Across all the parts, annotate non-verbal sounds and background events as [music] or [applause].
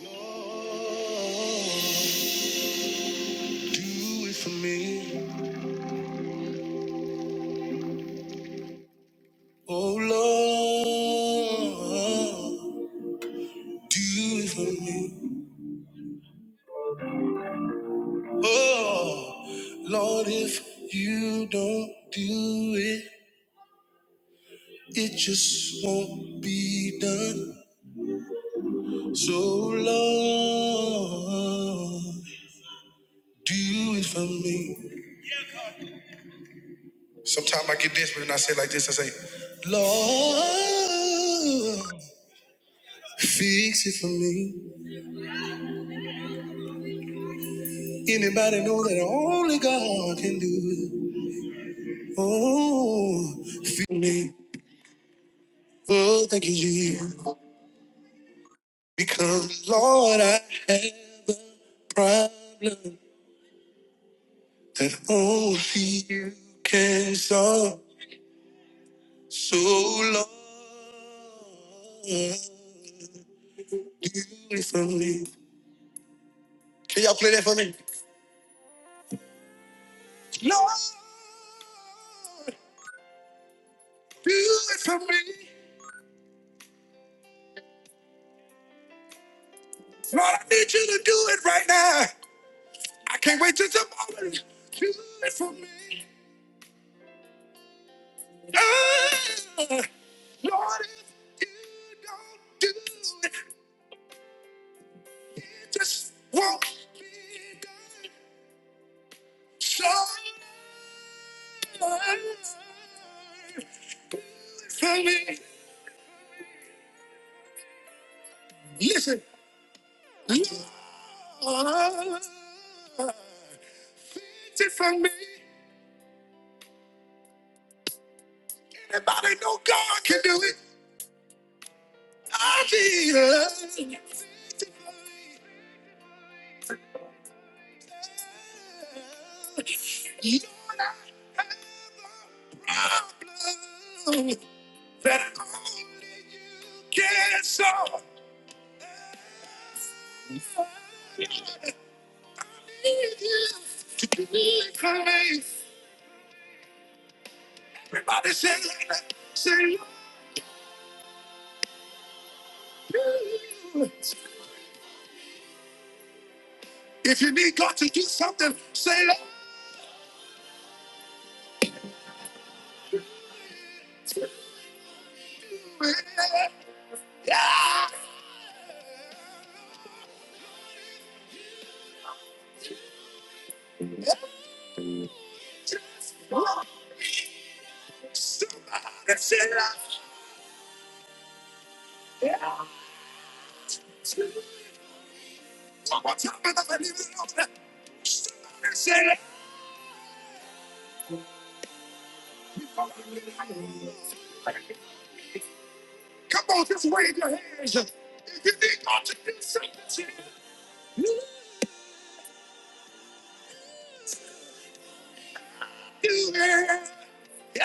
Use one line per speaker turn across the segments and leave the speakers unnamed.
Do it for me. Oh Lord, do it for me. Oh Lord, if you don't do it, it just won't be done. So Lord, do it for me. Sometimes I get desperate and I say like this, I say, Lord, fix it for me. Anybody know that only God can do it? Oh, feel me. Oh, thank you, Jesus. Because, Lord, I have a problem that only you can solve. So, Lord, do it for me. Can y'all play that for me? Lord, do it for me. Lord, I need you to do it right now. I can't wait till tomorrow. Do it for me. Ah, Lord, if you don't do it, it just won't be done. So, for me, listen, Lord, it's it for me. Anybody know God can do it? I did. You don't have a problem that only you can solve. To be kind. Everybody say, say, Lord. if you need God to do something, say, Lord. Yeah. Just want somebody say, Lord. Come on, just wave your hands. If you think God to do something, do it. Yeah.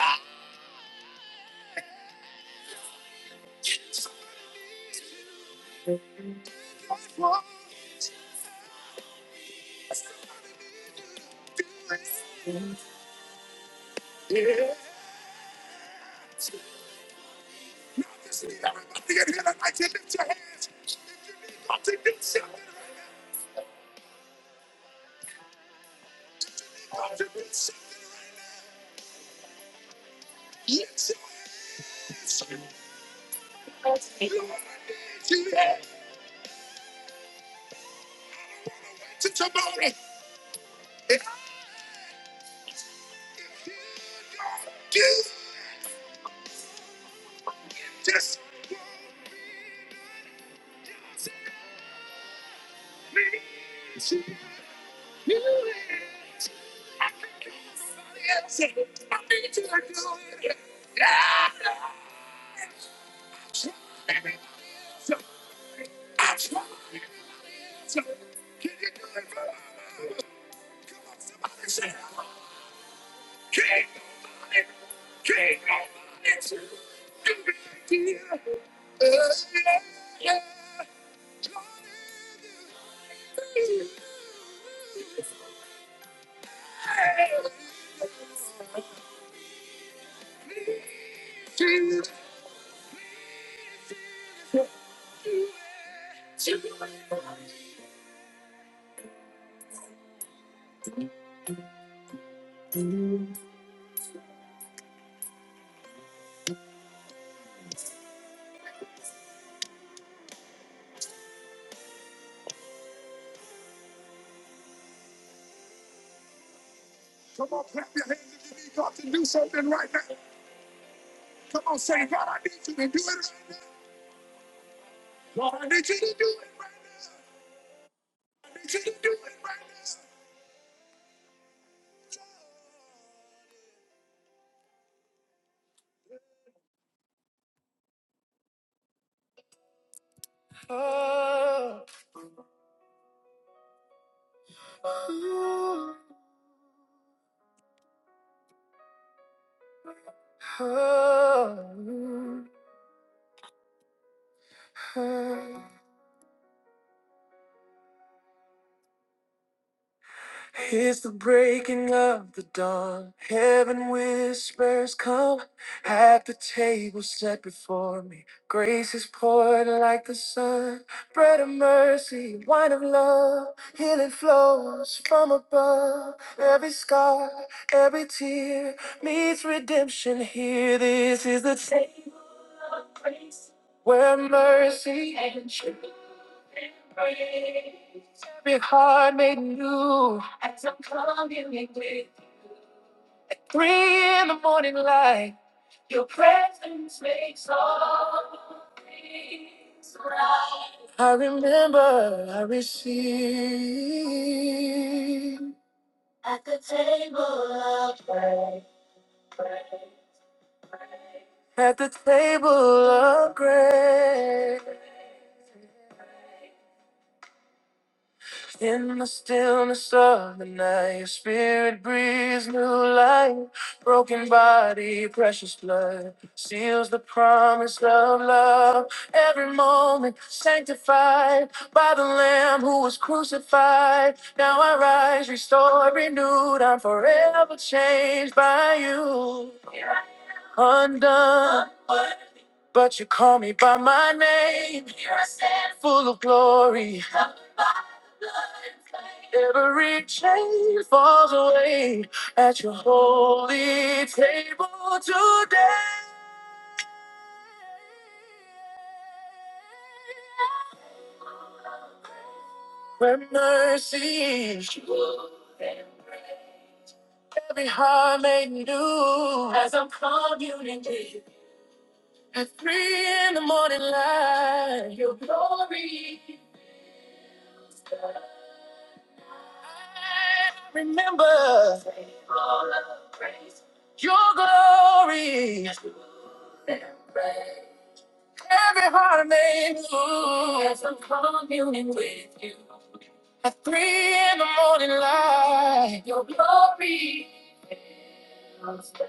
Somebody wrong, do it. Now just need everybody in here tonight to lift your hands. If you need God to do something right now, if you need God to do something right now, lift your hands. You already did it. I don't want to wait till tomorrow. Yeah. Do just oh, oh, oh, oh. It's the breaking of the dawn. Heaven whispers, Come, at the table set before me. Grace is poured like the sun. Bread of mercy, wine of love. Healing flows from above. Every scar, every tear meets redemption here. This is the table where mercy, every heart made new. As I'm coming with three in the morning light. Your presence makes all things right. I remember I received at the table of grace. At the table of grace. In the stillness of the night, your spirit breathes new life. Broken body, precious blood, seals the promise of love. Every moment sanctified by the Lamb who was crucified. Now I rise, restored, renewed. I'm forever changed by you. Undone, but you call me by my name. Here I stand, Full of glory. Every chain falls away at your holy table today. Where mercy, every heart made new. As unity. At three in the morning light, you'll be. I remember your glory. Every heart may move am communing with you. At three in the morning light, your glory. comes back.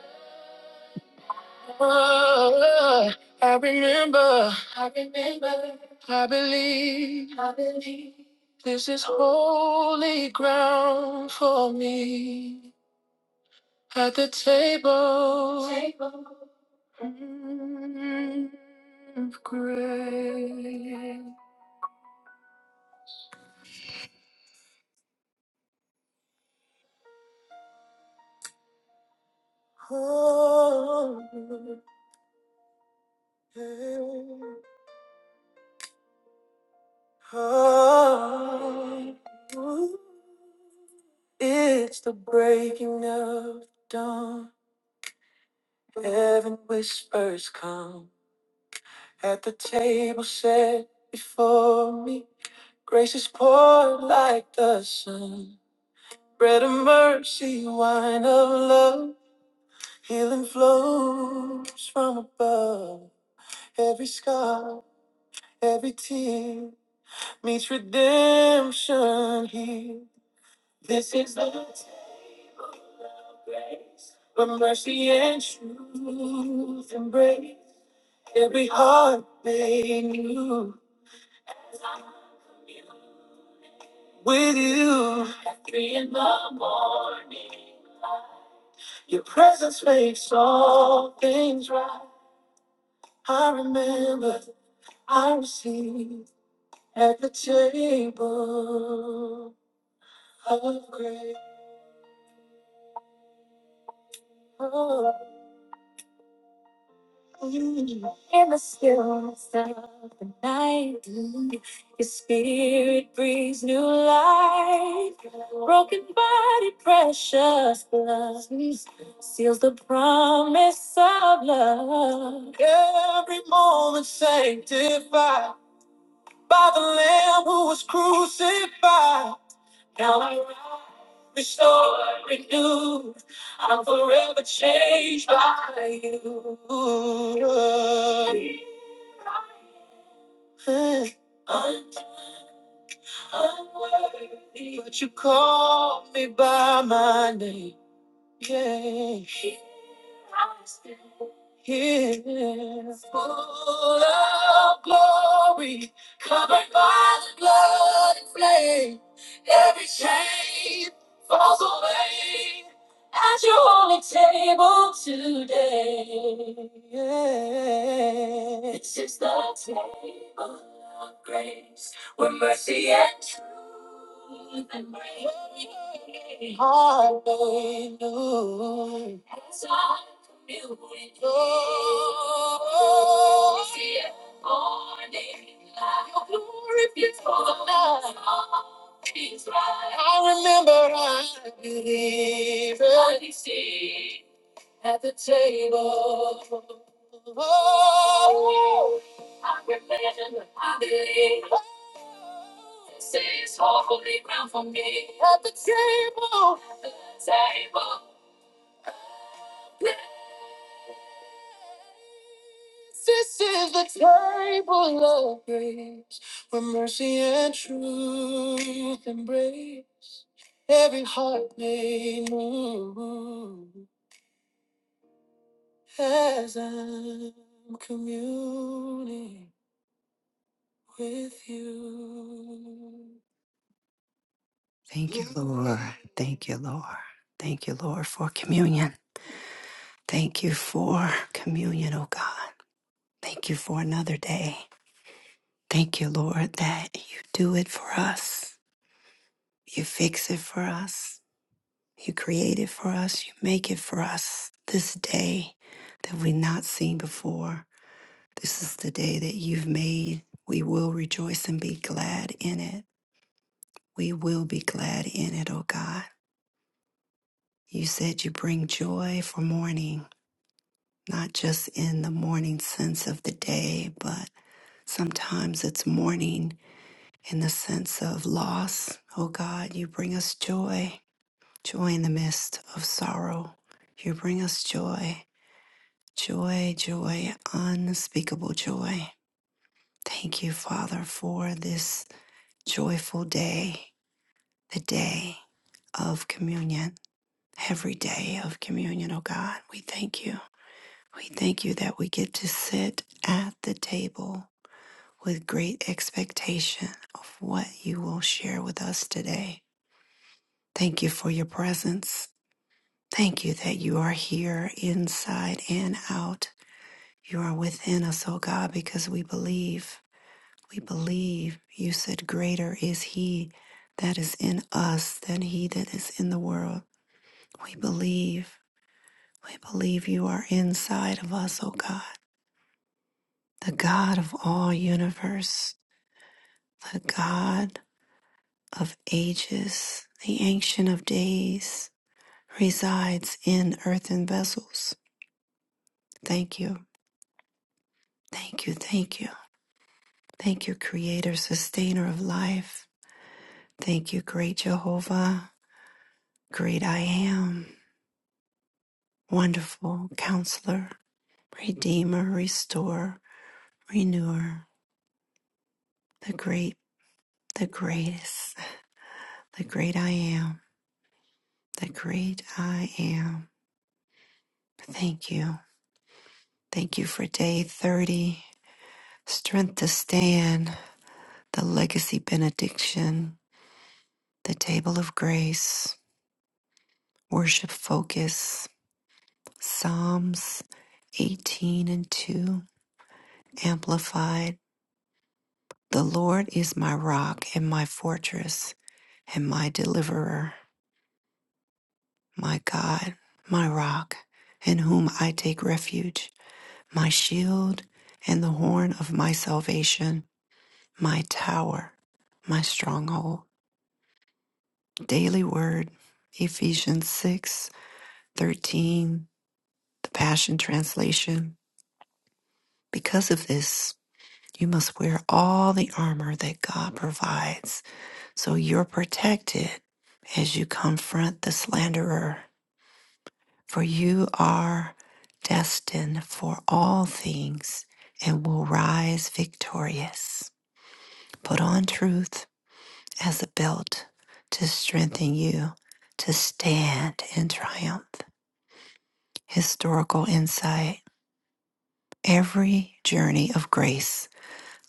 Oh, I remember. I remember. I believe. I believe. This is holy ground for me. At the table, table. mm, of grace. Oh, oh, oh, oh. It's the breaking of dawn. Heaven whispers come at the table set before me. Grace is poured like the sun. Bread of mercy, wine of love. Healing flows from above. Every scar, every tear. meets redemption here. This is the table of grace, where mercy and truth embrace every heart made new. With you at three in the morning, your presence makes all things right. I remember I received at the table of grace. In the stillness of the night, your spirit brings new life. Broken body, precious blood seals the promise of love. Every moment sanctified by the Lamb who was crucified. Now I rise, restored, renewed. I'm forever changed by you. Unworthy, but you call me by my name. Yeah. I'm here, full of glory, covered by the blood and flame. Every chain falls away at your holy table today. This is the table of grace with mercy and truth and grace. Hallelujah. As I commune with Oh. you, we see it morning light. Your glory before the night. I remember I believed I see at the table. Oh, I believe. Sing at the table. This is the table of grace where mercy and truth embrace every heart may move as I'm communing with you. Thank you, Lord. Thank you, Lord. Thank you, Lord, for communion. Thank you for communion, oh God. Thank you for another day. Thank you, Lord, that you do it for us. You fix it for us. You create it for us. You make it for us. This day that we've not seen before, this is the day that you've made. We will rejoice and be glad in it. We will be glad in it, oh God. You said you bring joy for mourning, not just in the morning sense of the day, but sometimes it's mourning in the sense of loss. Oh God, you bring us joy Joy in the midst of sorrow. You bring us joy, joy, joy, unspeakable joy. Thank you, Father, for this joyful day, the day of communion, every day of communion, oh God. We thank you. We thank you that we get to sit at the table with great expectation of what you will share with us today. Thank you for your presence. Thank you that you are here inside and out You are within us, O God, because we believe. We believe. You said, Greater is He that is in us than He that is in the world. We believe. We believe you are inside of us, O God, the God of all universe, the God of ages, the Ancient of Days, resides in earthen vessels. Thank you. Thank you. Thank you. Thank you, Creator, Sustainer of life. Thank you, great Jehovah, great I am, wonderful counselor, redeemer, restore, renewer, the great, the greatest, the great I am, the great I am. Thank you. Thank you for day 30, strength to stand, the legacy benediction, the table of grace, worship focus, Psalms 18 and 2, amplified The Lord is my rock and my fortress and my deliverer, my God, my rock, in whom I take refuge, my shield and the horn of my salvation, my tower, my stronghold. Daily Word, Ephesians 6 13, the Passion Translation. Because of this, you must wear all the armor that God provides So you're protected as you confront the slanderer, for you are destined for all things and will rise victorious. Put on truth as a belt to strengthen you to stand in triumph. Historical insight every journey of grace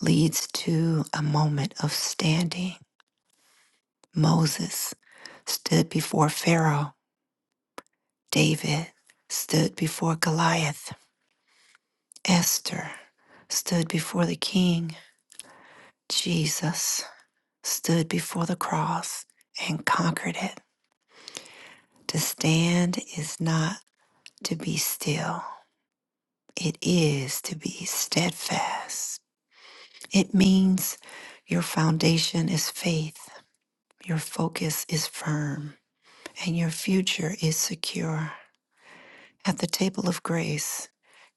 leads to a moment of standing. Moses stood before Pharaoh David stood before Goliath. Esther stood before the king. Jesus stood before the cross and conquered it. To stand is not to be still, it is to be steadfast. It means your foundation is faith, your focus is firm, and your future is secure. At the table of grace,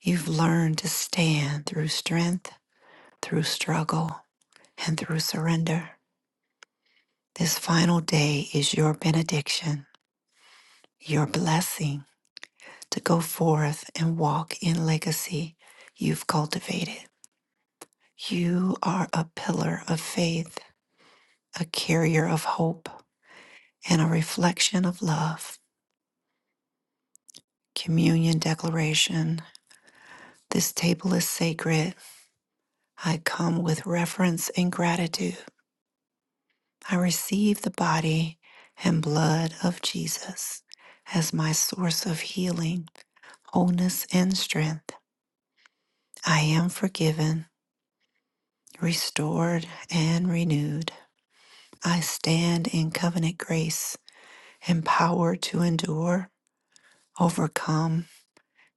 you've learned to stand through strength through struggle and through surrender. This final day is your benediction, your blessing to go forth and walk in legacy you've cultivated. You are a pillar of faith, a carrier of hope, and a reflection of love. Communion Declaration This table is sacred. I come with reverence and gratitude. I receive the body and blood of Jesus as my source of healing, wholeness, and strength. I am forgiven, restored, and renewed. I stand in covenant grace, empowered to endure, overcome,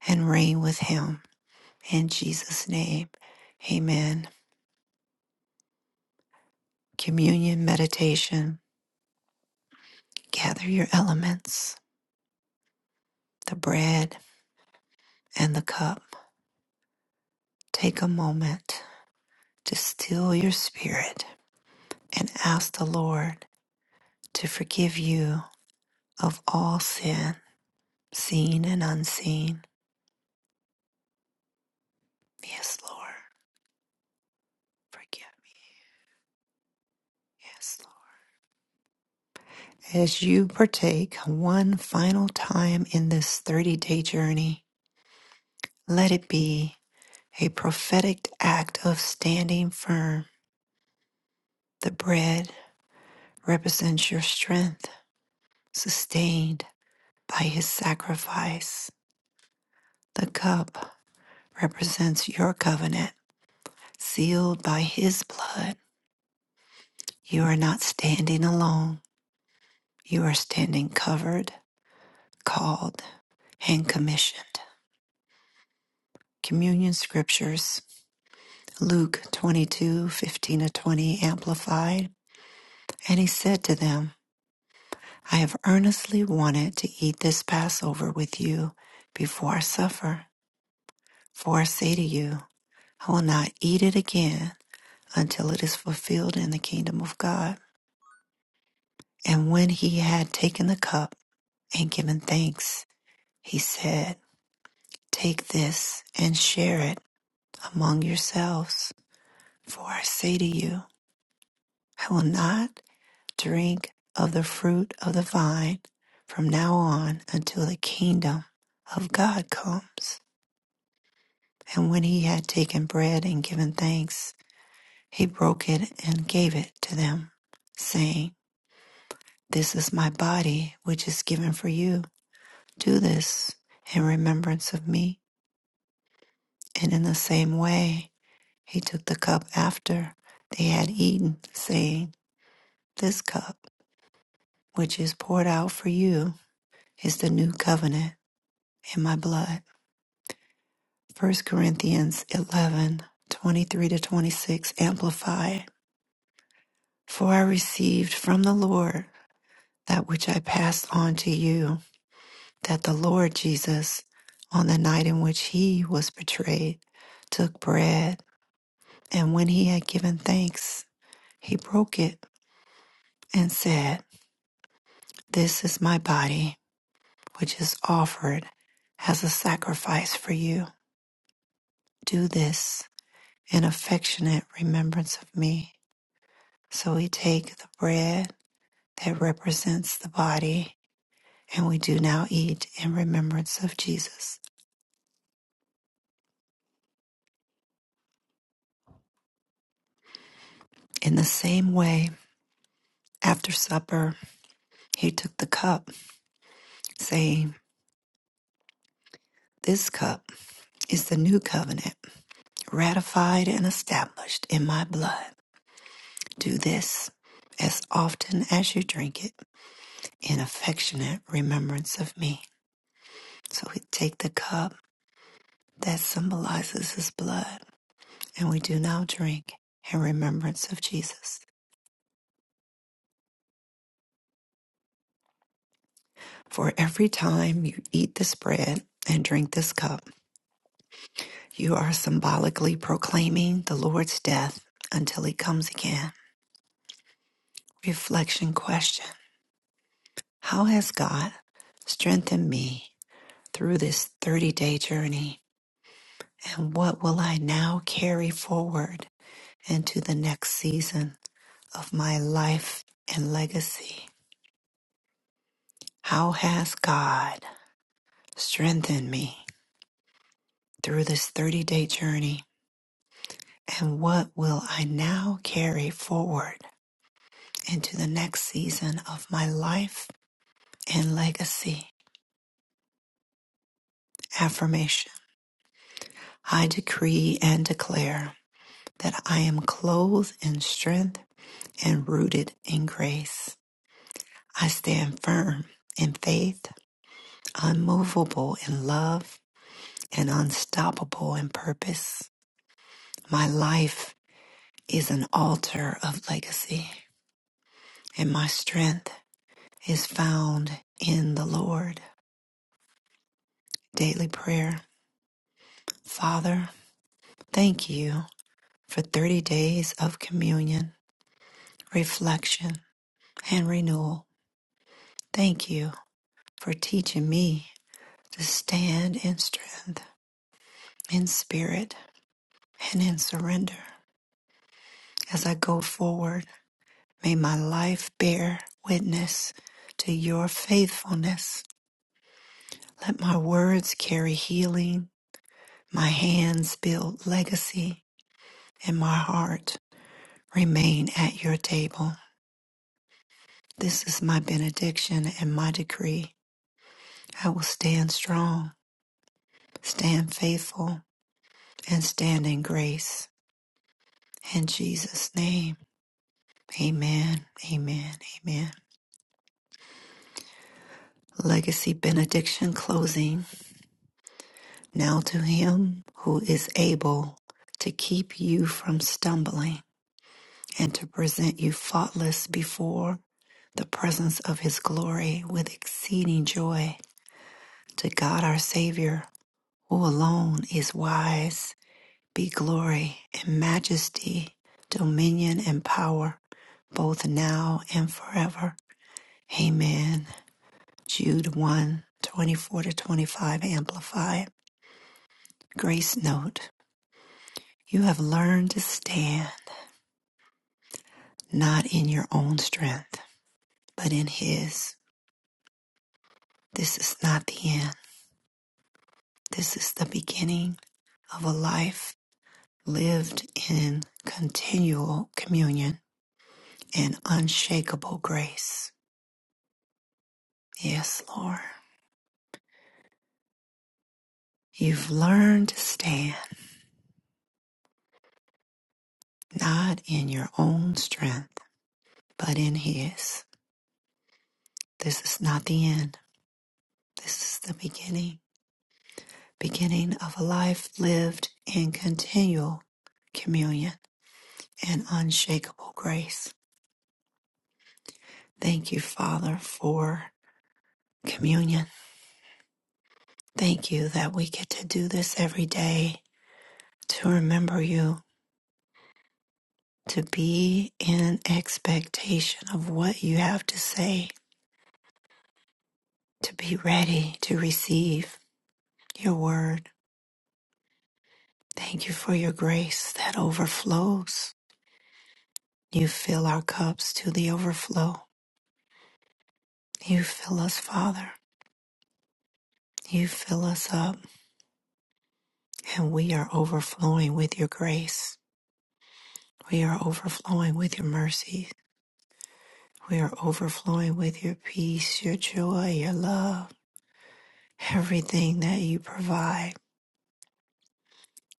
and reign with Him. In Jesus' name, amen. Communion meditation. Gather your elements, the bread and the cup. Take a moment to still your spirit and ask the Lord to forgive you of all sin, seen and unseen. Yes, Lord, forgive me. Yes, Lord. As you partake one final time in this 30 day journey, let it be a prophetic act of standing firm. The bread represents your strength, sustained by his sacrifice. The cup represents your covenant, sealed by his blood. You are not standing alone. You are standing covered, called, and commissioned. Communion scriptures, Luke 2215 to 20, amplified. And he said to them, I have earnestly wanted to eat this Passover with you before I suffer. For I say to you, I will not eat it again until it is fulfilled in the kingdom of God. And when he had taken the cup and given thanks, he said, Take this and share it among yourselves. For I say to you, I will not drink of the fruit of the vine from now on until the kingdom of God comes. And when he had taken bread and given thanks, he broke it and gave it to them, saying, This is my body, which is given for you. Do this in remembrance of me. And in the same way, he took the cup after they had eaten, saying, This cup, which is poured out for you, is the new covenant in my blood. First Corinthians 11 23 to 26, Amplify. For I received from the Lord that which I passed on to you, that the Lord Jesus, on the night in which he was betrayed, took bread, and when he had given thanks, he broke it and said, This is my body, which is offered as a sacrifice for you. Do this in affectionate remembrance of me. So we take the bread that represents the body, and we do now eat in remembrance of Jesus. In the same way, after supper, he took the cup, saying, This cup is the new covenant, ratified and established in my blood. Do this as often as you drink it in affectionate remembrance of me. So we take the cup that symbolizes his blood, and we do now drink in remembrance of Jesus. For every time you eat this bread and drink this cup, you are symbolically proclaiming the Lord's death until he comes again. Reflection question How has God strengthened me through this 30 day journey? And what will I now carry forward into the next season of my life and legacy? How has God strengthened me through this 30 day journey? And what will I now carry forward into the next season of my life and legacy? Affirmation I decree and declare that I am clothed in strength and rooted in grace. I stand firm in faith, unmovable in love, and unstoppable in purpose. My life is an altar of legacy, and my strength is found in the Lord. Daily prayer. Father, thank you for 30 days of communion, reflection, and renewal. Thank you for teaching me to stand in strength, in spirit, and in surrender. As I go forward, may my life bear witness to your faithfulness. Let my words carry healing, my hands build legacy, and my heart remain at your table. This is my benediction and my decree. I will stand strong, stand faithful, and stand in grace. In Jesus' name, amen, amen, amen. Legacy benediction closing. Now to him who is able to keep you from stumbling and to present you faultless before the presence of his glory with exceeding joy, to God our Savior, who alone is wise, be glory and majesty, dominion and power, both now and forever. Amen. Jude one 24 to 25 Amplified. Grace Note. You have learned to stand. not in your own strength, but in His. This is not the end. This is the beginning of a life lived in continual communion and unshakable grace. Yes, Lord. You've learned to stand not in your own strength, but in His. This is not the end. This is the beginning. Beginning of a life lived in continual communion and unshakable grace. Thank you, Father, for communion. Thank you that we get to do this every day to remember you, to be in expectation of what you have to say, to be ready to receive your word. Thank you for your grace that overflows. You fill our cups to the overflow. You fill us, Father. You fill us up, and we are overflowing with your grace. We are overflowing with your mercies. We are overflowing with your peace, your joy, your love, everything that you provide.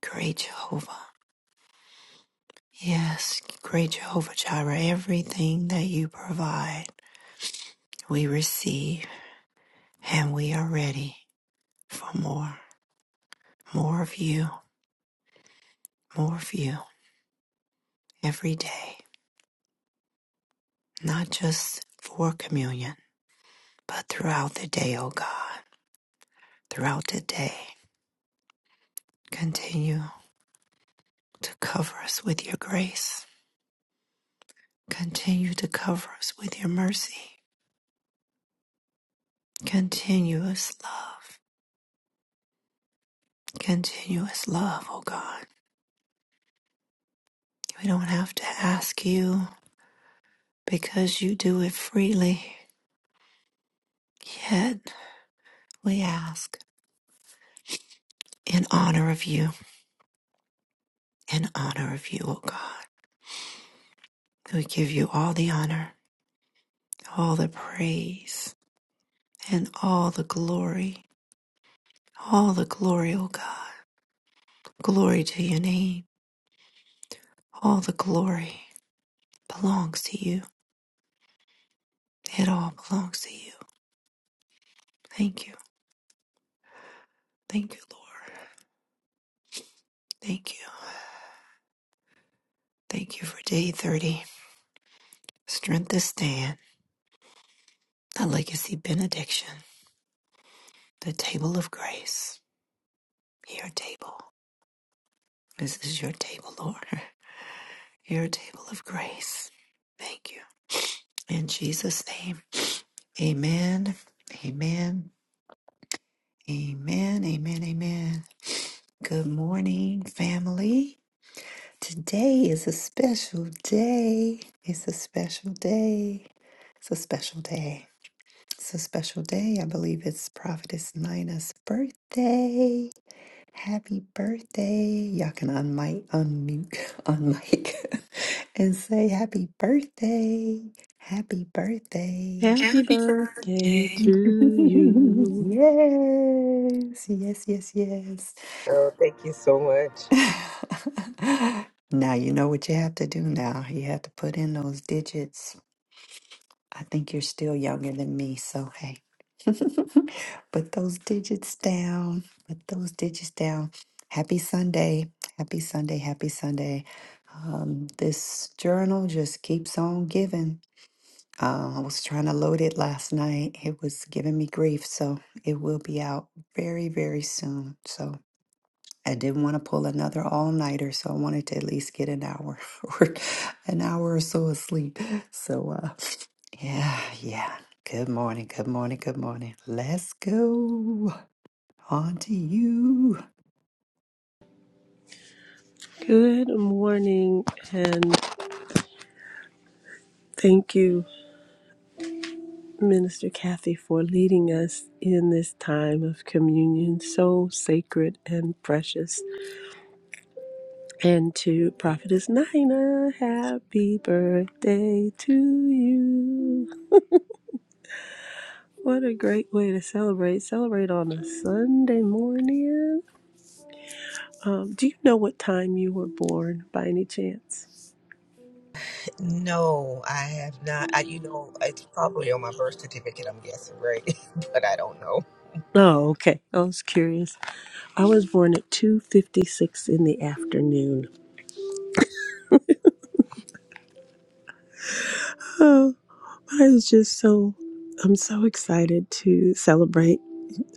Great Jehovah. Yes, great Jehovah Jireh, everything that you provide, we receive and we are ready for more. More of you, more of you every day, not just for communion, but throughout the day, O God, throughout the day. Continue to cover us with your grace Continue to cover us with your mercy. Continuous love. Continuous love, oh God. We don't have to ask you because you do it freely. Yet we ask in honor of you, in honor of you, O God. We give you all the honor, all the praise, and all the glory. All the glory, O God. Glory to your name. All the glory belongs to you. It all belongs to you. Thank you. Thank you, Lord. Thank you. Thank you for day 30. Strength to stand. The legacy benediction. The table of grace. Your table. This is your table, Lord. [laughs] Your table of grace. Thank you. In Jesus' name. Amen. Amen. Amen. Amen. Amen. Good morning, family. Today is a special day. It's a special day. It's a special day. It's a special day. I believe it's Prophetess Nina's birthday. Happy birthday. Y'all can unmic, unmute, [laughs] unmic, [laughs] and say happy birthday. Happy birthday. [laughs]
Happy birthday to
yes,
you.
yes, yes,
Oh, thank you so much.
yes. [laughs] now you know what you have to do now. You have to put in those digits I think you're still younger than me, so hey. [laughs] Put those digits down. Put those digits down. Happy Sunday. Happy Sunday. Happy Sunday. Um, this journal just keeps on giving. Uh, I was trying to load it last night. It was giving me grief, so it will be out very, very soon. So I didn't want to pull another all nighter, so I wanted to at least get an hour [laughs] or an hour or so of sleep. So, uh, yeah, yeah. Good morning, good morning, good morning. Let's go on to you.
Good morning, and thank you, Minister Kathy, for leading us in this time of communion, so sacred and precious. And to Prophetess Nina, happy birthday to you. What a great way to celebrate! Celebrate on a Sunday morning. Um, do you know what time you were born by any chance?
No, I have not. I, you know, it's probably on my birth certificate, I'm guessing, right? [laughs] but I don't know.
Oh, okay. I was curious. I was born at 2:56 in the afternoon. Oh, I was just so I'm so excited to celebrate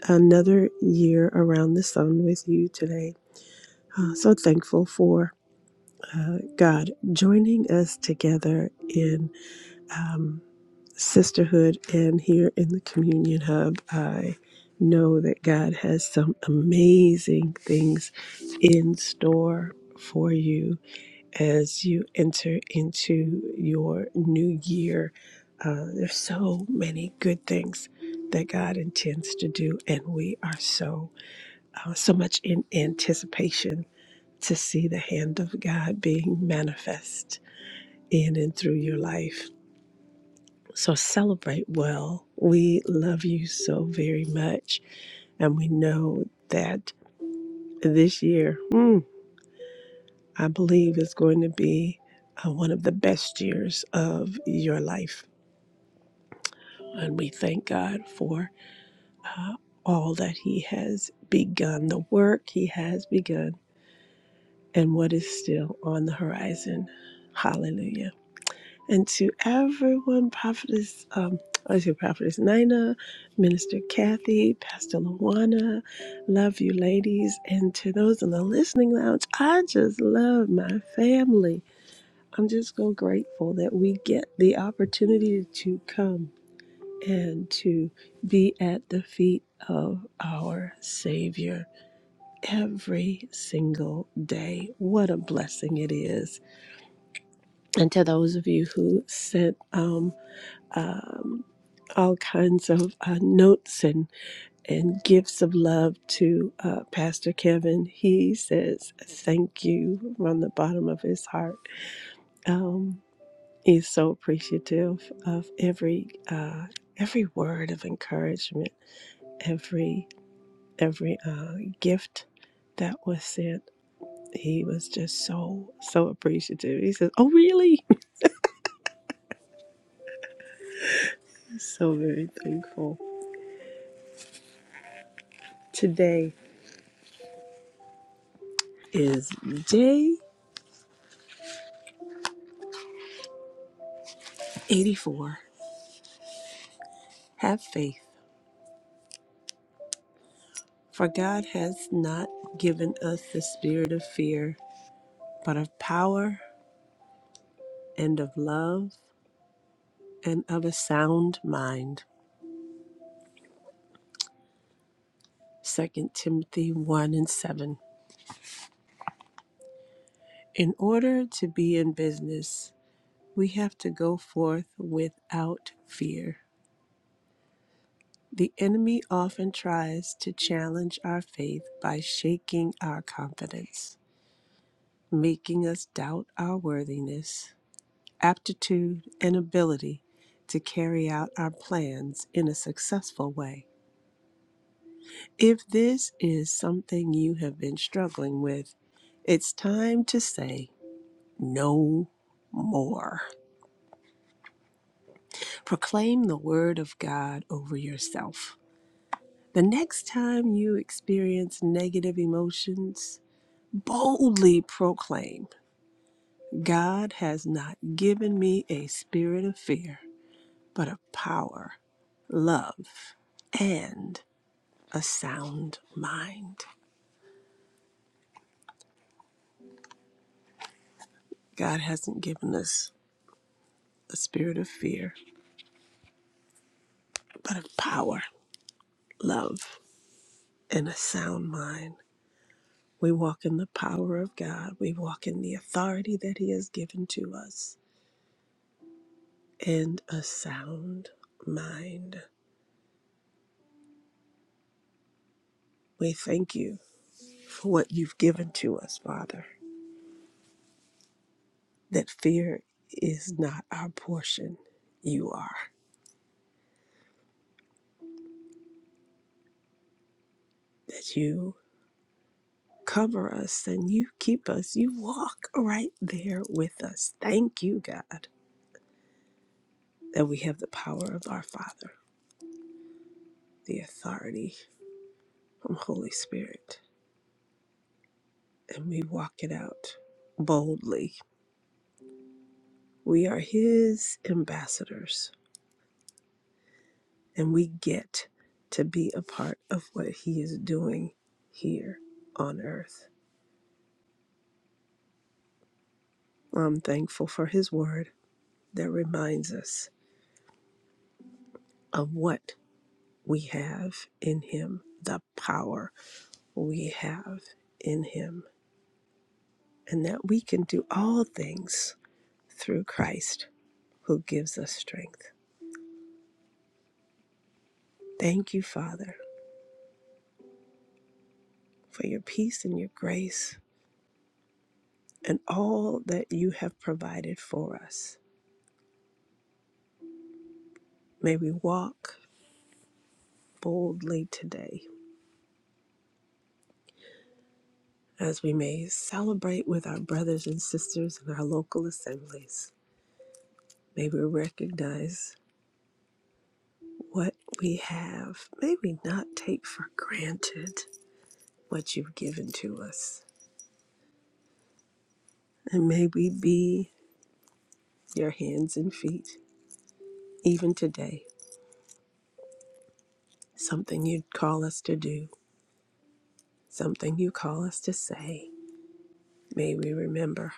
another year around the sun with you today. Uh, so thankful for uh, God joining us together in um, sisterhood and here in the communion hub. I know that God has some amazing things in store for you as you enter into your new year. Uh, there's so many good things that God intends to do, and we are so uh, so much in anticipation to see the hand of God being manifest in and through your life. So celebrate well. We love you so very much, and we know that this year, mm, I believe, is going to be uh, one of the best years of your life And we thank God for uh, all that He has begun, the work He has begun, and what is still on the horizon. Hallelujah. And to everyone, Prophetess, um, I say Prophetess Nina, Minister Kathy, Pastor Luana, love you ladies. And to those in the listening lounge, I just love my family. I'm just so grateful that we get the opportunity to come and to be at the feet of our Savior every single day. What a blessing it is. And to those of you who sent um, um, all kinds of uh, notes and, and gifts of love to uh, Pastor Kevin, he says thank you from the bottom of his heart. Um, he's so appreciative of every uh, every word of encouragement, every every uh, gift that was sent. He was just so, so appreciative. He says, Oh, really? [laughs] so very thankful. Today is day 84. Have faith, for God has not given us the spirit of fear, but of power and of love and of a sound mind. Second Timothy 1 and 7. In order to be in business, we have to go forth without fear. The enemy often tries to challenge our faith by shaking our confidence, making us doubt our worthiness, aptitude, and ability to carry out our plans in a successful way. If this is something you have been struggling with, it's time to say no more. Proclaim the word of God over yourself. The next time you experience negative emotions, boldly proclaim God has not given me a spirit of fear, but of power, love, and a sound mind. God hasn't given us a spirit of fear, but of power, love, and a sound mind. We walk in the power of God. We walk in the authority that He has given to us and a sound mind. We thank you for what you've given to us, Father. that fear is not our portion. You are. That you cover us and you keep us. You walk right there with us. Thank you, God, that we have the power of our Father, the authority from Holy Spirit, and we walk it out boldly. We are His ambassadors, and we get to be a part of what He is doing here on earth. I'm thankful for His word. that reminds us of what we have in Him, the power we have in Him, and that we can do all things through Christ who gives us strength. Thank you, Father, for your peace and your grace and all that you have provided for us. May we walk boldly today as we may celebrate with our brothers and sisters in our local assemblies. May we recognize what we have. May we not take for granted what you've given to us. And may we be your hands and feet, even today. Something you'd call us to do, something you call us to say. May we remember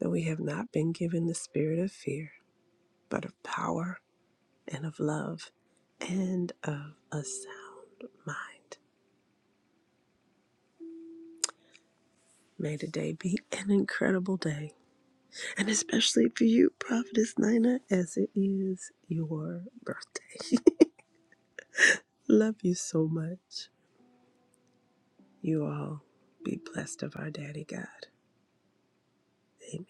that we have not been given the spirit of fear, but of power and of love and of a sound mind. May today be an incredible day and especially for you, Prophetess Nina, as it is your birthday. [laughs] Love you so much. You all be blessed of our Daddy God. Amen.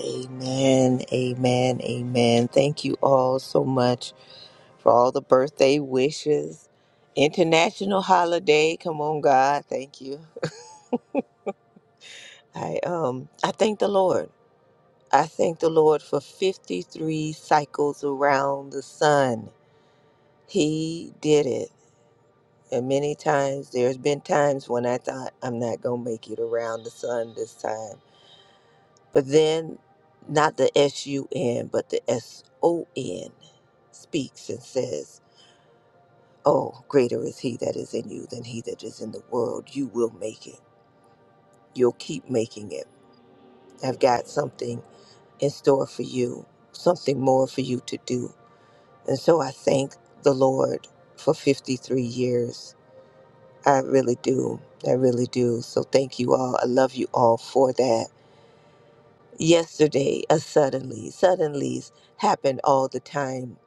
Amen, amen, amen. Thank you all so much for all the birthday wishes. International holiday, come on, God. Thank you. I um I thank the Lord. I thank the Lord for 53 cycles around the sun. He did it. And many times, there's been times when I thought, I'm not going to make it around the sun this time. But then, not the S U N, but the S O N speaks and says, Oh, greater is he that is in you than he that is in the world. You will make it. You'll keep making it. I've got something in store for you, something more for you to do. And so I thank the Lord for 53 years I really do. I really do. So thank you all. I love you all for that. Yesterday, a suddenly, suddenlies happen all the time.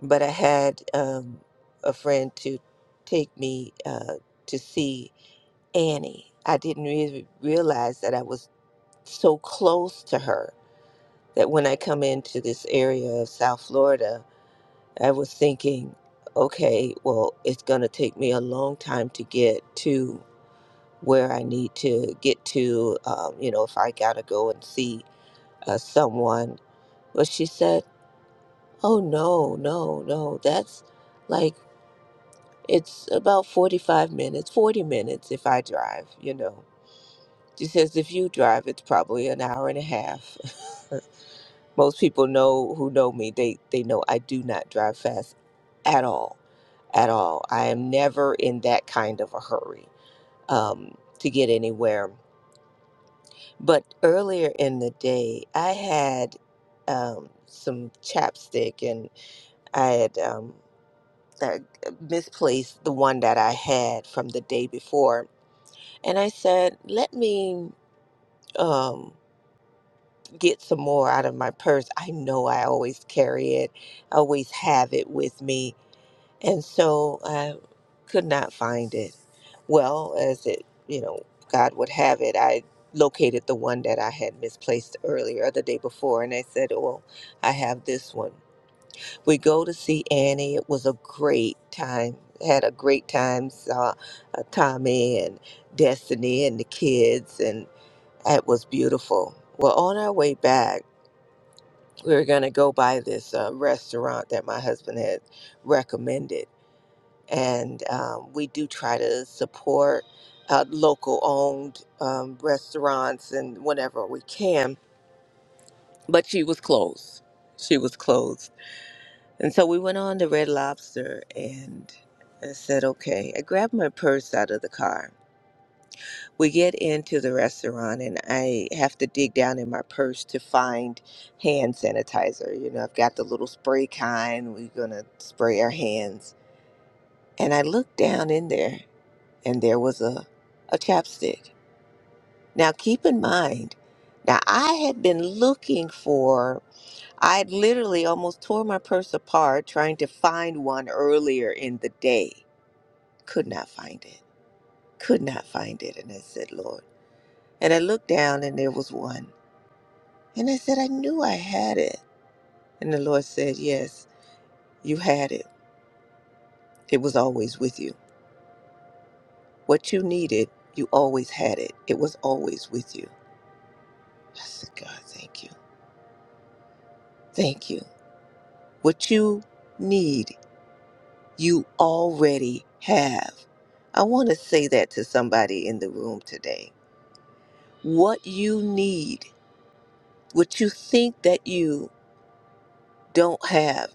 But I had um, a friend to take me uh, to see Annie. I didn't really realize that I was so close to her that when I come into this area of South Florida, I was thinking, okay, well, it's going to take me a long time to get to where I need to get to, um, you know, if I gotta go and see uh, someone. But she said, Oh, no, no, no, that's like, it's about 45 minutes, 40 minutes if I drive, you know. She says, if you drive, it's probably an hour and a half. [laughs] Most people know who know me, they, they know I do not drive fast at all, at all. I am never in that kind of a hurry um, to get anywhere But earlier in the day, I had um, some chapstick and I had um, uh, misplaced the one that I had from the day before. And I said, let me um, get some more out of my purse. I know I always carry it, I always have it with me. and so I could not find it. Well, as it, you know, God would have it, I located the one that I had misplaced earlier or the day before, and I said, "Well, I have this one." We go to see Annie. It was a great time. Had a great time. Saw uh, Tommy and Destiny and the kids, and it was beautiful. Well, on our way back, we were gonna go by this uh, restaurant that my husband had recommended and um, we do try to support uh, local owned um, restaurants and whenever we can. But she was closed. She was closed. And so we went on to Red Lobster and I said, okay. I grabbed my purse out of the car. We get into the restaurant and I have to dig down in my purse to find hand sanitizer. You know, I've got the little spray kind. We're going to spray our hands. And I look down in there and there was a, a chapstick. Now, keep in mind, now I had been looking for, I had literally almost tore my purse apart trying to find one earlier in the day. Could not find it. Could not find it. And I said, Lord. And I looked down and there was one. And I said, I knew I had it. And the Lord said, Yes, you had it. It was always with you. What you needed, you always had it. It was always with you. I said, God, thank you. Thank you. What you need, you already have. I want to say that to somebody in the room today. What you need, what you think that you don't have,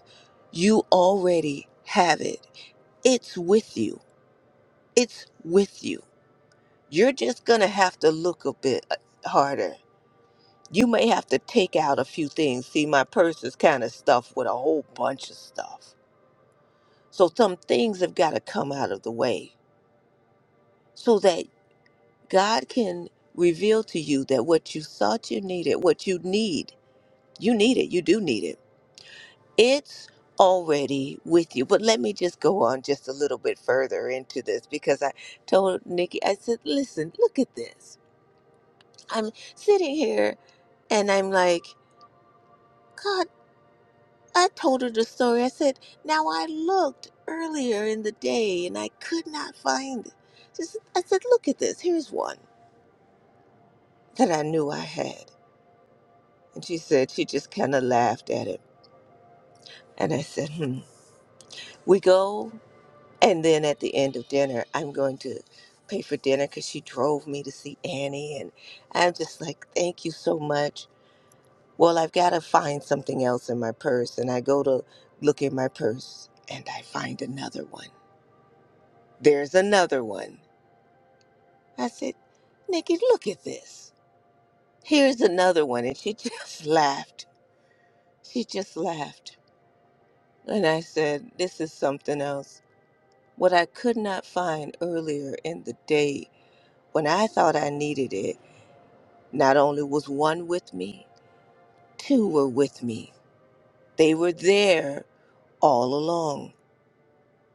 you already have it. It's with you. It's with you. You're just going to have to look a bit uh, harder. You may have to take out a few things. See, my purse is kind of stuffed with a whole bunch of stuff. So some things have got to come out of the way so that God can reveal to you that what you thought you needed, what you need, you need it, you do need it. It's already with you. But let me just go on just a little bit further into this because I told Nikki, I said, listen, look at this. I'm sitting here and I'm like, God, I told her the story. I said, now I looked earlier in the day and I could not find it. Just, I said, look at this. Here's one that I knew I had. And she said she just kind of laughed at it. And I said, hmm. We go, and then at the end of dinner, I'm going to pay for dinner because she drove me to see Annie. And I'm just like, thank you so much. Well, I've got to find something else in my purse. And I go to look in my purse, and I find another one. There's another one. I said, Nikki, look at this. Here's another one. And she [laughs] just laughed. She just laughed. And I said, this is something else. What I could not find earlier in the day when I thought I needed it, not only was one with me, two were with me. They were there all along.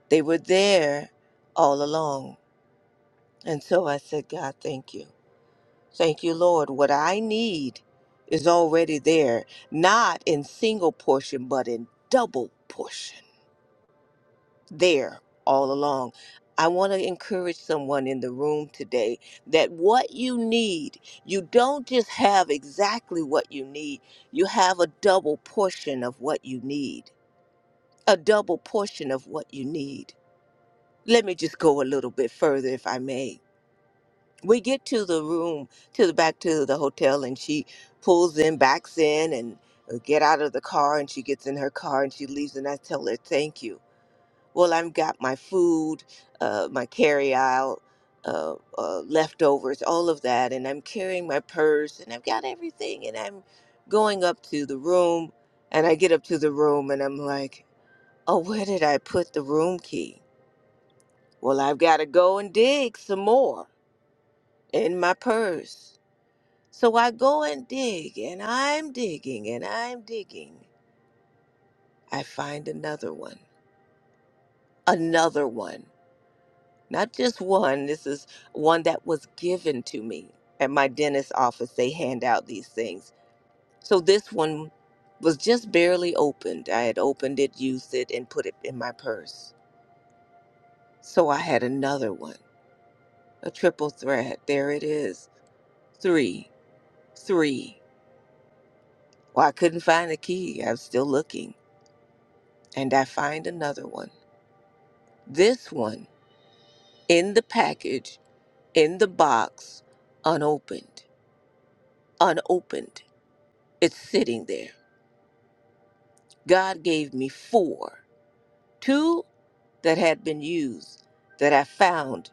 They were there all along. And so I said, God, thank you. Thank you, Lord. What I need is already there, not in single portion, but in double portion. there all along. I want to encourage someone in the room today that what you need, you don't just have exactly what you need, you have a double portion of what you need. A double portion of what you need. Let me just go a little bit further, if I may. We get to the room, to the back to the hotel, and she pulls in, backs in, and uh, get out of the car, and she gets in her car and she leaves, and I tell her thank you well i've got my food uh, my carry out uh, uh, leftovers all of that and i'm carrying my purse and i've got everything and i'm going up to the room and i get up to the room and i'm like oh where did i put the room key well i've got to go and dig some more in my purse so i go and dig and i'm digging and i'm digging i find another one another one not just one. This is one that was given to me at my dentist's office. They hand out these things. So this one was just barely opened. I had opened it, used it, and put it in my purse. So I had another one, a triple threat. There it is. Three, three. Well, I couldn't find the key. I was still looking. And I find another one. This one in the package, in the box, unopened, unopened. It's sitting there God gave me four, two that had been used that I found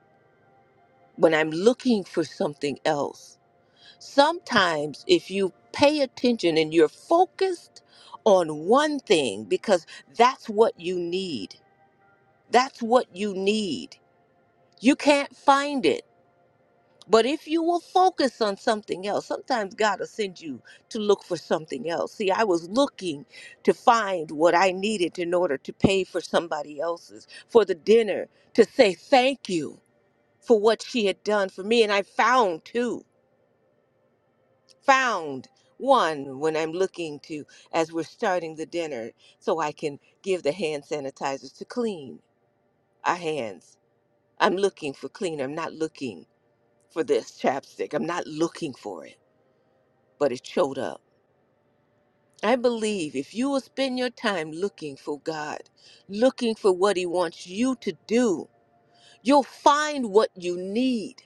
when I'm looking for something else. Sometimes, if you pay attention and you're focused on one thing because that's what you need, that's what you need, you can't find it But if you will focus on something else, sometimes God will send you to look for something else. See, I was looking to find what I needed in order to pay for somebody else's, for the dinner, to say thank you for what she had done for me. And I found two, found one when I'm looking to, as we're starting the dinner, so I can give the hand sanitizers to clean our hands. I'm looking for clean. I'm not looking for this chapstick. I'm not looking for it. but it showed up. I believe if you will spend your time looking for God, looking for what He wants you to do, you'll find what you need.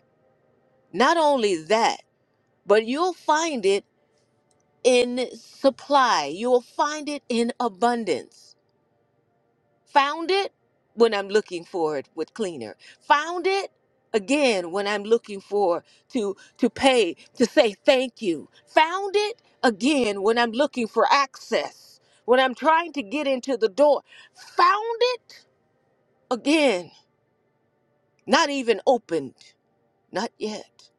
Not only that, but you'll find it in supply, you'll find it in abundance. Found it when I'm looking for it with cleaner. Found it again when I'm looking for to to pay to say thank you. Found it again when I'm looking for access. When I'm trying to get into the door. Found it again. Not even opened. Not yet.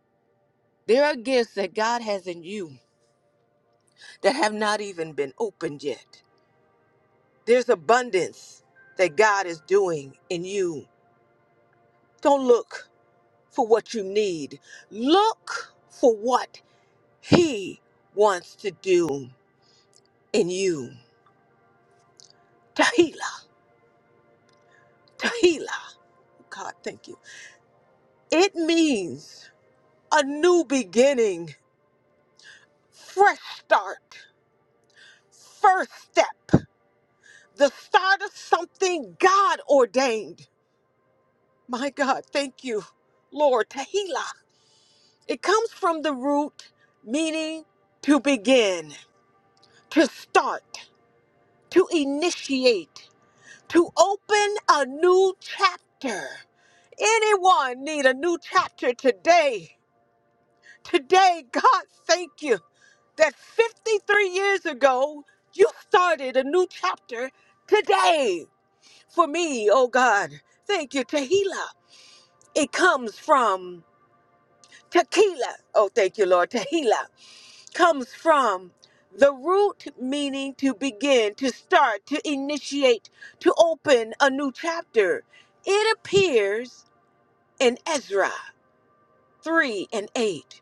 There are gifts that God has in you that have not even been opened yet. There's abundance that God is doing in you. Don't look. for what you need. Look for what He wants to do in you. Tahila, Tahila. God, thank you. It means a new beginning, fresh start, first step, the start of something God ordained. My God, thank you, Lord. Tahila. It comes from the root meaning to begin, to start, to initiate. to open a new chapter. Anyone need a new chapter today? Today, God, thank you that 53 years ago, you started a new chapter today. For me, oh God, thank you, Tehillah. It comes from tequila. Oh, thank you, Lord. Tehillah comes from the root meaning to begin, to start, to initiate, to open a new chapter. It appears in Ezra 3 and 8.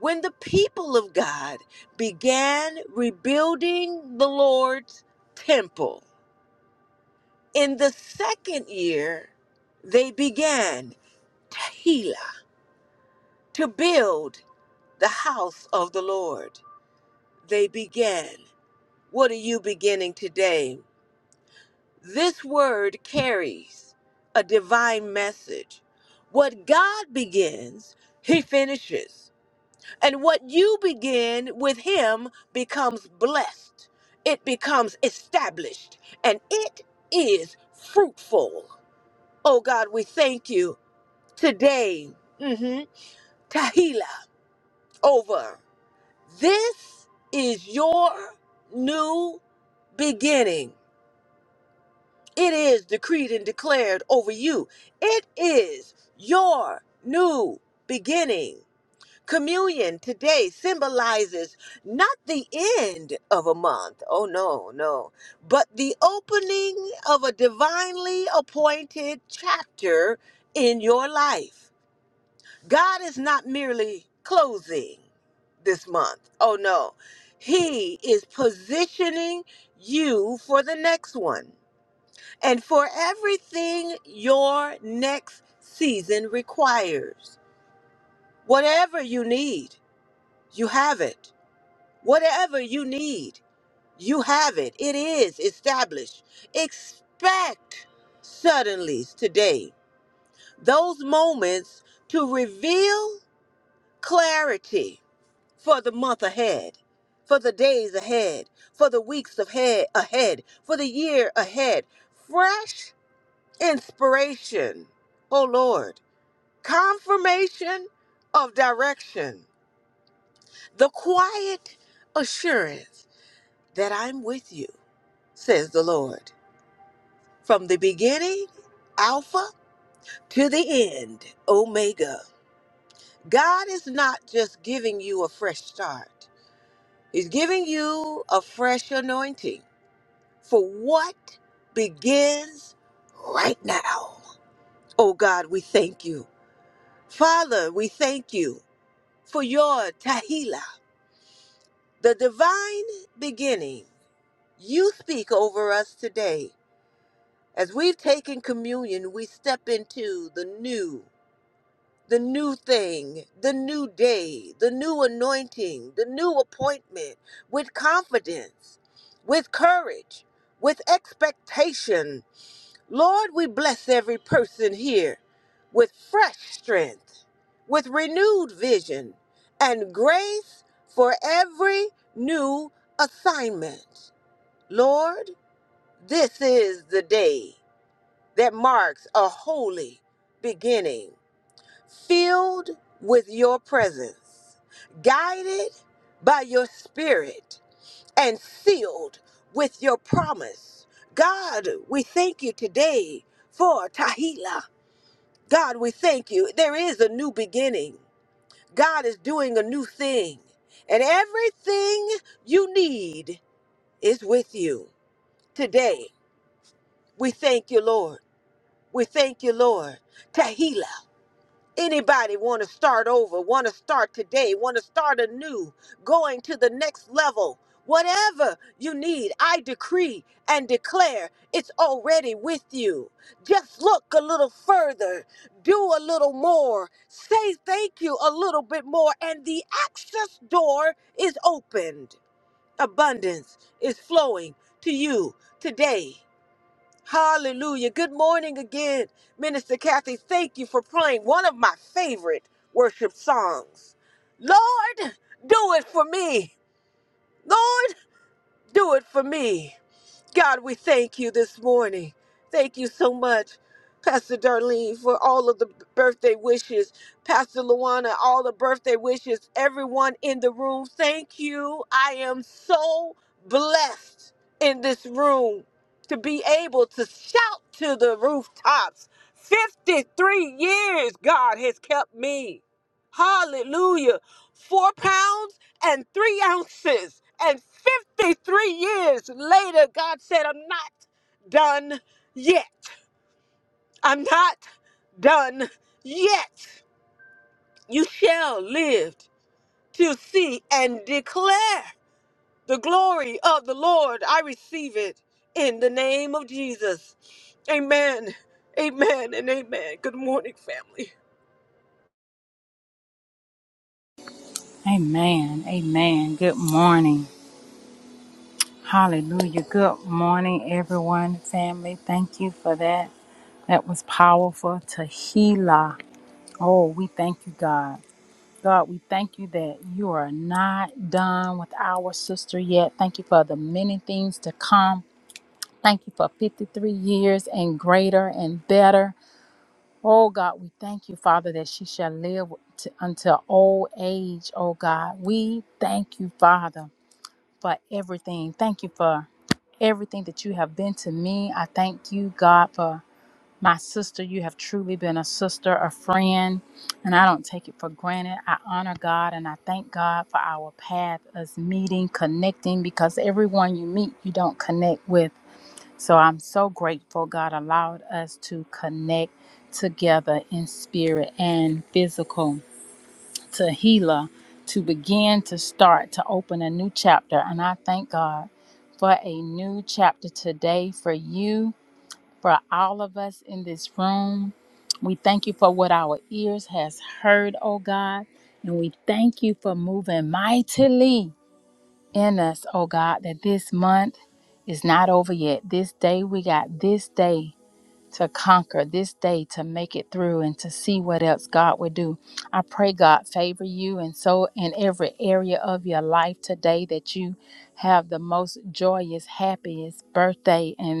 When the people of God began rebuilding the Lord's temple, in the second year, they began Tehillah to build the house of the Lord. They began. What are you beginning today? This word carries a divine message. What God begins, He finishes. And what you begin with him becomes blessed, it becomes established, and it is fruitful. Oh God, we thank you today. hmm Tahila over. This is your new beginning. It is decreed and declared over you. It is your new beginning. Communion today symbolizes not the end of a month, oh no, no, but the opening of a divinely appointed chapter in your life. God is not merely closing this month, oh no, He is positioning you for the next one and for everything your next season requires. Whatever you need, you have it. Whatever you need, you have it. It is established. Expect suddenlies today, those moments to reveal clarity for the month ahead, for the days ahead, for the weeks ahead, ahead for the year ahead. Fresh inspiration, oh Lord, confirmation of direction, the quiet assurance that I'm with you says the Lord. From the beginning, Alpha, to the end, Omega. God is not just giving you a fresh start, He's giving you a fresh anointing for what begins right now. Oh God, we thank you. Father, we thank you for your Tahila, the divine beginning. You speak over us today. As we've taken communion, we step into the new. the new thing, the new day, the new anointing, the new appointment with confidence, with courage, with expectation. Lord, we bless every person here with fresh strength, with renewed vision, and grace for every new assignment. Lord, this is the day that marks a holy beginning filled with your presence, guided by your spirit, and sealed with your promise. God, we thank you today for Tahila. God, we thank you. There is a new beginning. God is doing a new thing, and everything you need is with you today. We thank you, Lord. We thank you, Lord. Tahila. Anybody want to start over, want to start today, want to start anew, going to the next level, whatever you need, I decree and declare it's already with you. Just look a little further, do a little more, say thank you a little bit more, and the access door is opened. Abundance is flowing to you today. Hallelujah. Good morning again, Minister Kathy. Thank you for playing one of my favorite worship songs. Lord, do it for me. Lord, do it for me. God, we thank you this morning. Thank you so much, Pastor Darlene, for all of the birthday wishes. Pastor Luana, all the birthday wishes. Everyone in the room, thank you. I am so blessed in this room to be able to shout to the rooftops. 53 years God has kept me. Hallelujah. Four pounds and three ounces. And 53 years later, God said, I'm not done yet. I'm not done yet. You shall live to see and declare the glory of the Lord. I receive it in the name of Jesus. Amen. Amen and amen. Good morning, family.
Amen. Amen. Good morning. Hallelujah. Good morning, everyone, family. Thank you for that. That was powerful. Tahila. Oh, we thank you, God. God, we thank you that you are not done with our sister yet. Thank you for the many things to come. Thank you for 53 years and greater and better. Oh, God, we thank you, Father, that she shall live to, until old age, oh, God. We thank you, Father. for everything. Thank you for everything that you have been to me. I thank you, God, for my sister. You have truly been a sister, a friend, and I don't take it for granted. I honor God and I thank God for our path, us meeting, connecting, because everyone you meet, you don't connect with. So I'm so grateful God allowed us to connect together in spirit and physical to Gila to begin to start to open a new chapter. And I thank God for a new chapter today for you, for all of us in this room. We thank you for what our ears has heard, oh God. And we thank you for moving mightily in us, oh God, that this month is not over yet. This day we got this day to conquer this day, to make it through, and to see what else God would do. I pray God favor you, and so in every area of your life today that you have the most joyous, happiest birthday. and.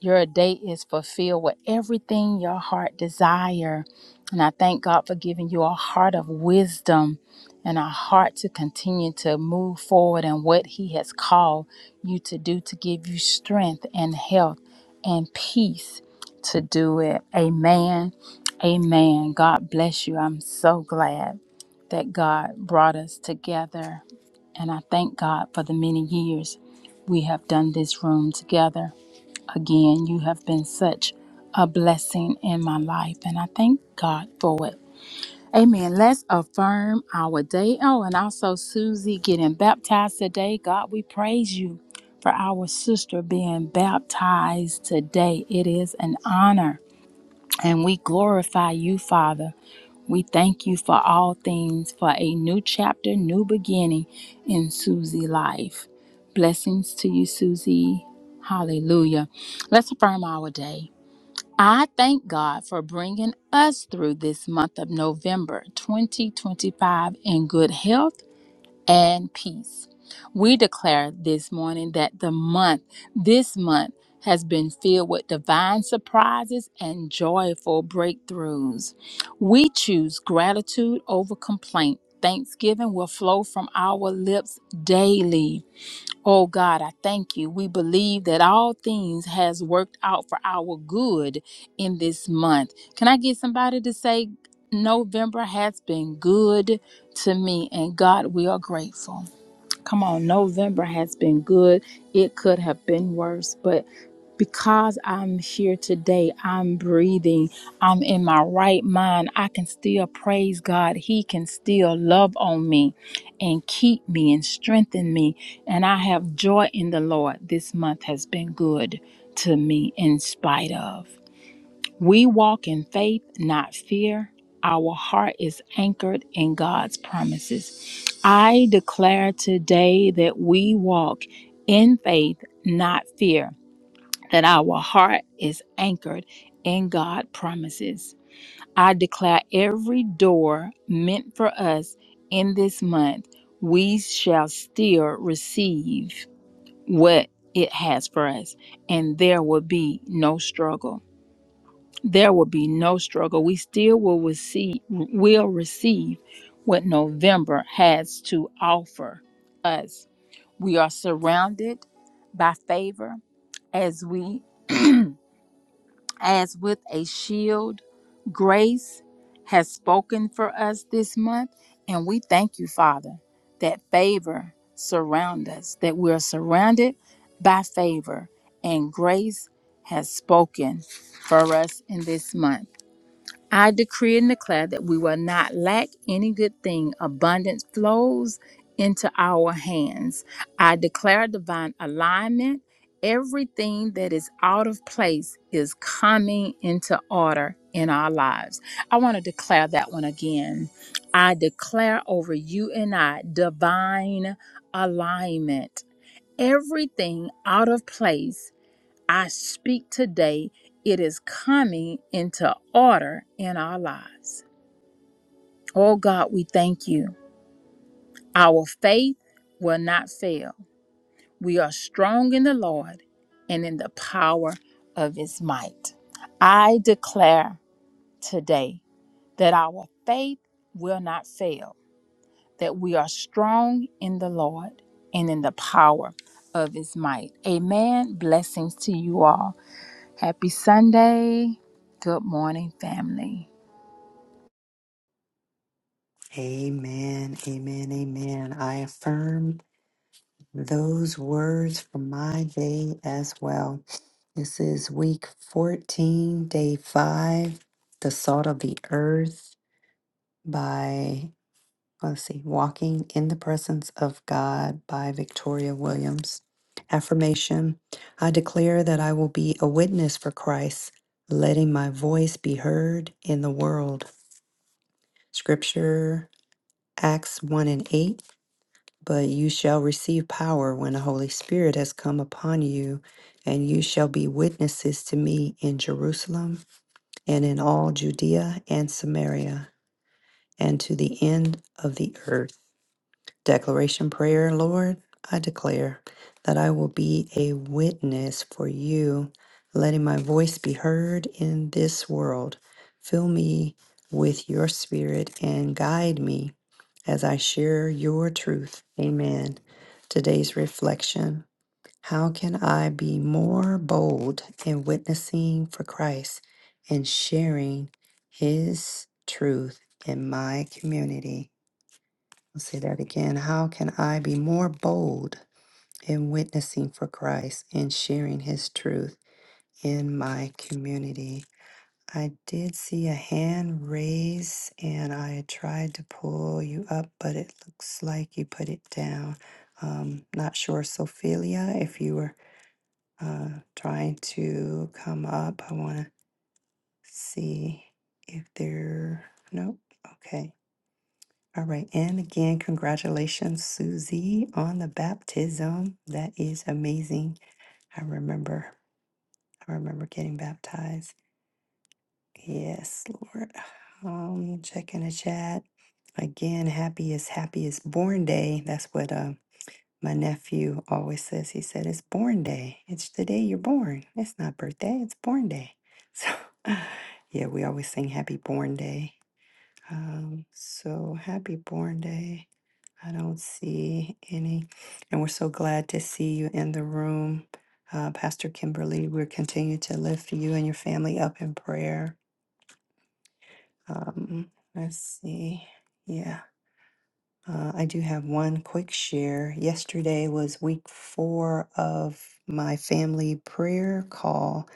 Your day is fulfilled with everything your heart desire. And I thank God for giving you a heart of wisdom and a heart to continue to move forward in what He has called you to do to give you strength and health and peace to do it. Amen. Amen. God bless you. I'm so glad that God brought us together. And I thank God for the many years we have done this room together. Again, you have been such a blessing in my life, and I thank God for it. Amen. Let's affirm our day. Oh, and also Susie getting baptized today. God, we praise you for our sister being baptized today. It is an honor, and we glorify you, Father. We thank you for all things, for a new chapter, new beginning in Susie life. Blessings to you, Susie. Hallelujah. Let's affirm our day. I thank God for bringing us through this month of November 2025 in good health and peace. We declare this morning that the month, this month, has been filled with divine surprises and joyful breakthroughs. We choose gratitude over complaint. Thanksgiving will flow from our lips daily. Oh God, I thank you. We believe that all things has worked out for our good in this month. Can I get somebody to say November has been good to me and God, we are grateful. Come on, November has been good. It could have been worse, but because I'm here today, I'm breathing, I'm in my right mind, I can still praise God. He can still love on me and keep me and strengthen me. And I have joy in the Lord. This month has been good to me in spite of. We walk in faith, not fear. Our heart is anchored in God's promises. I declare today that we walk in faith, not fear, that our heart is anchored in God's promises. I declare every door meant for us in this month, we shall still receive what it has for us, and there will be no struggle there will be no struggle. We still will receive will receive what November has to offer us. We are surrounded by favor as we as with a shield. Grace has spoken for us this month and we thank you, Father, that favor surround us, that we are surrounded by favor and grace has spoken for us in this month. I decree and declare that we will not lack any good thing. Abundance flows into our hands. I declare divine alignment. Everything that is out of place is coming into order in our lives. I want to declare that one again. I declare over you and I divine alignment. Everything out of place I speak today, it is coming into order in our lives. Oh God, we thank you. Our faith will not fail. We are strong in the Lord and in the power of his might. I declare today that our faith will not fail, that we are strong in the Lord and in the power of his might. Amen. Blessings to you all. Happy Sunday. Good morning, family.
Amen, amen, amen. I affirm those words for my day as well. This is week 14, day 5, The Salt of the Earth by let's see, Walking in the Presence of God by Victoria Williams. Affirmation I declare that I will be a witness for Christ, letting my voice be heard in the world. Scripture, Acts 1 and 8. But you shall receive power when the Holy Spirit has come upon you, and you shall be witnesses to me in Jerusalem and in all Judea and Samaria and to the end of the earth. Declaration prayer, Lord, I declare that I will be a witness for you, letting my voice be heard in this world. Fill me with your spirit and guide me as I share your truth. Amen. Today's reflection How can I be more bold in witnessing for Christ and sharing his truth in my community? I'll say that again. How can I be more bold in witnessing for Christ and sharing his truth in my community? I did see a hand raise, and I tried to pull you up, but it looks like you put it down. Um, not sure, Sophia, if you were uh, trying to come up. I want to see if there. Nope. Okay. All right. And again, congratulations, Susie, on the baptism. That is amazing. I remember. I remember getting baptized. Yes, Lord. Um, checking the chat. Again, happy is happy is born day. That's what uh, my nephew always says. He said, It's born day. It's the day you're born. It's not birthday, it's born day. [laughs] So, yeah, we always sing happy born day. Um, so happy Born Day. I don't see any. And we're so glad to see you in the room. Uh, Pastor Kimberly, we're continuing to lift you and your family up in prayer. Um, let's see. yeah. Uh, I do have one quick share. Yesterday was week four of my family prayer call,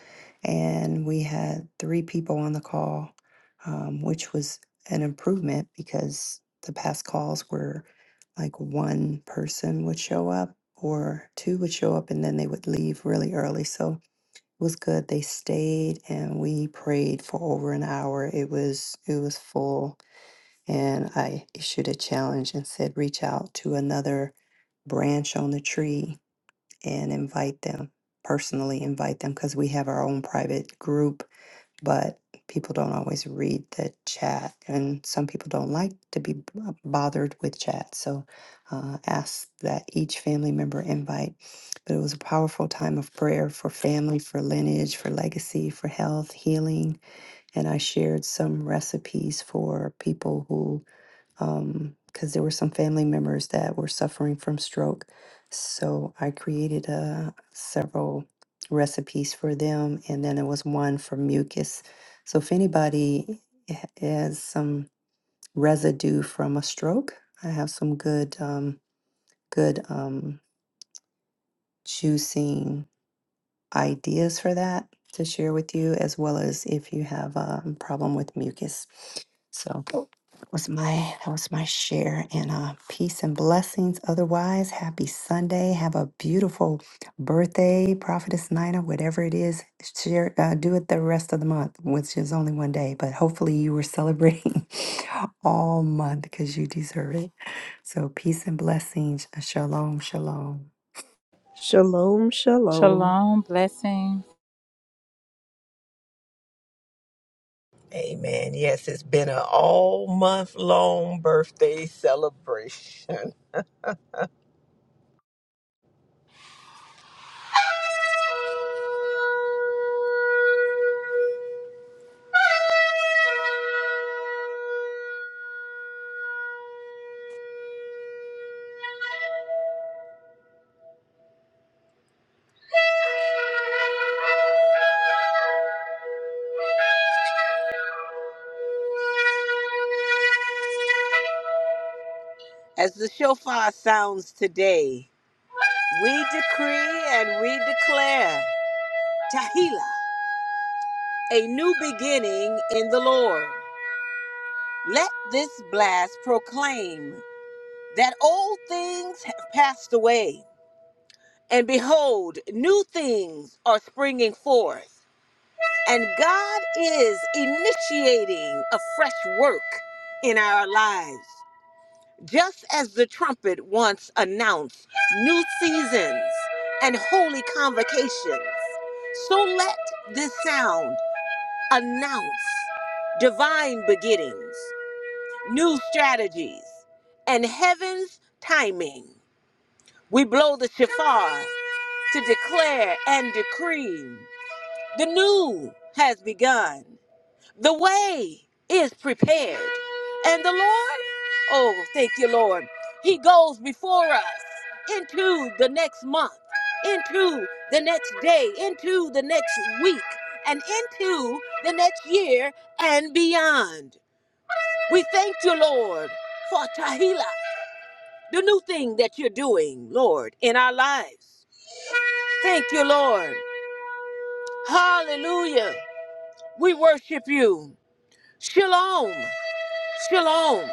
and we had three people on the call, um, which was an improvement because the past calls were like one person would show up or two would show up and then they would leave really early. So it was good. They stayed and we prayed for over an hour. It was it was full and I issued a challenge and said, reach out to another branch on the tree and invite them, personally invite them, because we have our own private group, but people don't always read the chat. And some people don't like to be b- bothered with chat. So uh, ask that each family member invite. But it was a powerful time of prayer for family, for lineage, for legacy, for health, healing. And I shared some recipes for people who um, because there were some family members that were suffering from stroke. So I created uh, several recipes for them, and then there was one for mucus. So if anybody ha- has some residue from a stroke, I have some good, um, good um, juicing ideas for that to share with you, as well as if you have a problem with mucus. So. was my that was my share and uh peace and blessings otherwise happy sunday have a beautiful birthday prophetess nina whatever it is share uh, do it the rest of the month which is only one day but hopefully you were celebrating [laughs] all month because you deserve it so peace and blessings shalom shalom
Shalom, shalom.
Shalom. Blessings.
Amen. Yes, it's been an all month long birthday celebration. [laughs] As the shofar sounds today, we decree and we declare Tahila, a new beginning in the Lord. Let this blast proclaim that old things have passed away, and behold, new things are springing forth. And God is initiating a fresh work in our lives. Just as the trumpet once announced new seasons and holy convocations, so let this sound announce divine beginnings new strategies, and heaven's timing. We blow the shofar to declare and decree the new has begun, the way is prepared, and the Lord, oh, thank you, Lord, He goes before us into the next month, into the next day, into the next week, and into the next year and beyond. We thank you, Lord, for Tahila. the new thing that you're doing, Lord, in our lives. Thank you, Lord. Hallelujah. We worship you. Shalom. Shalom.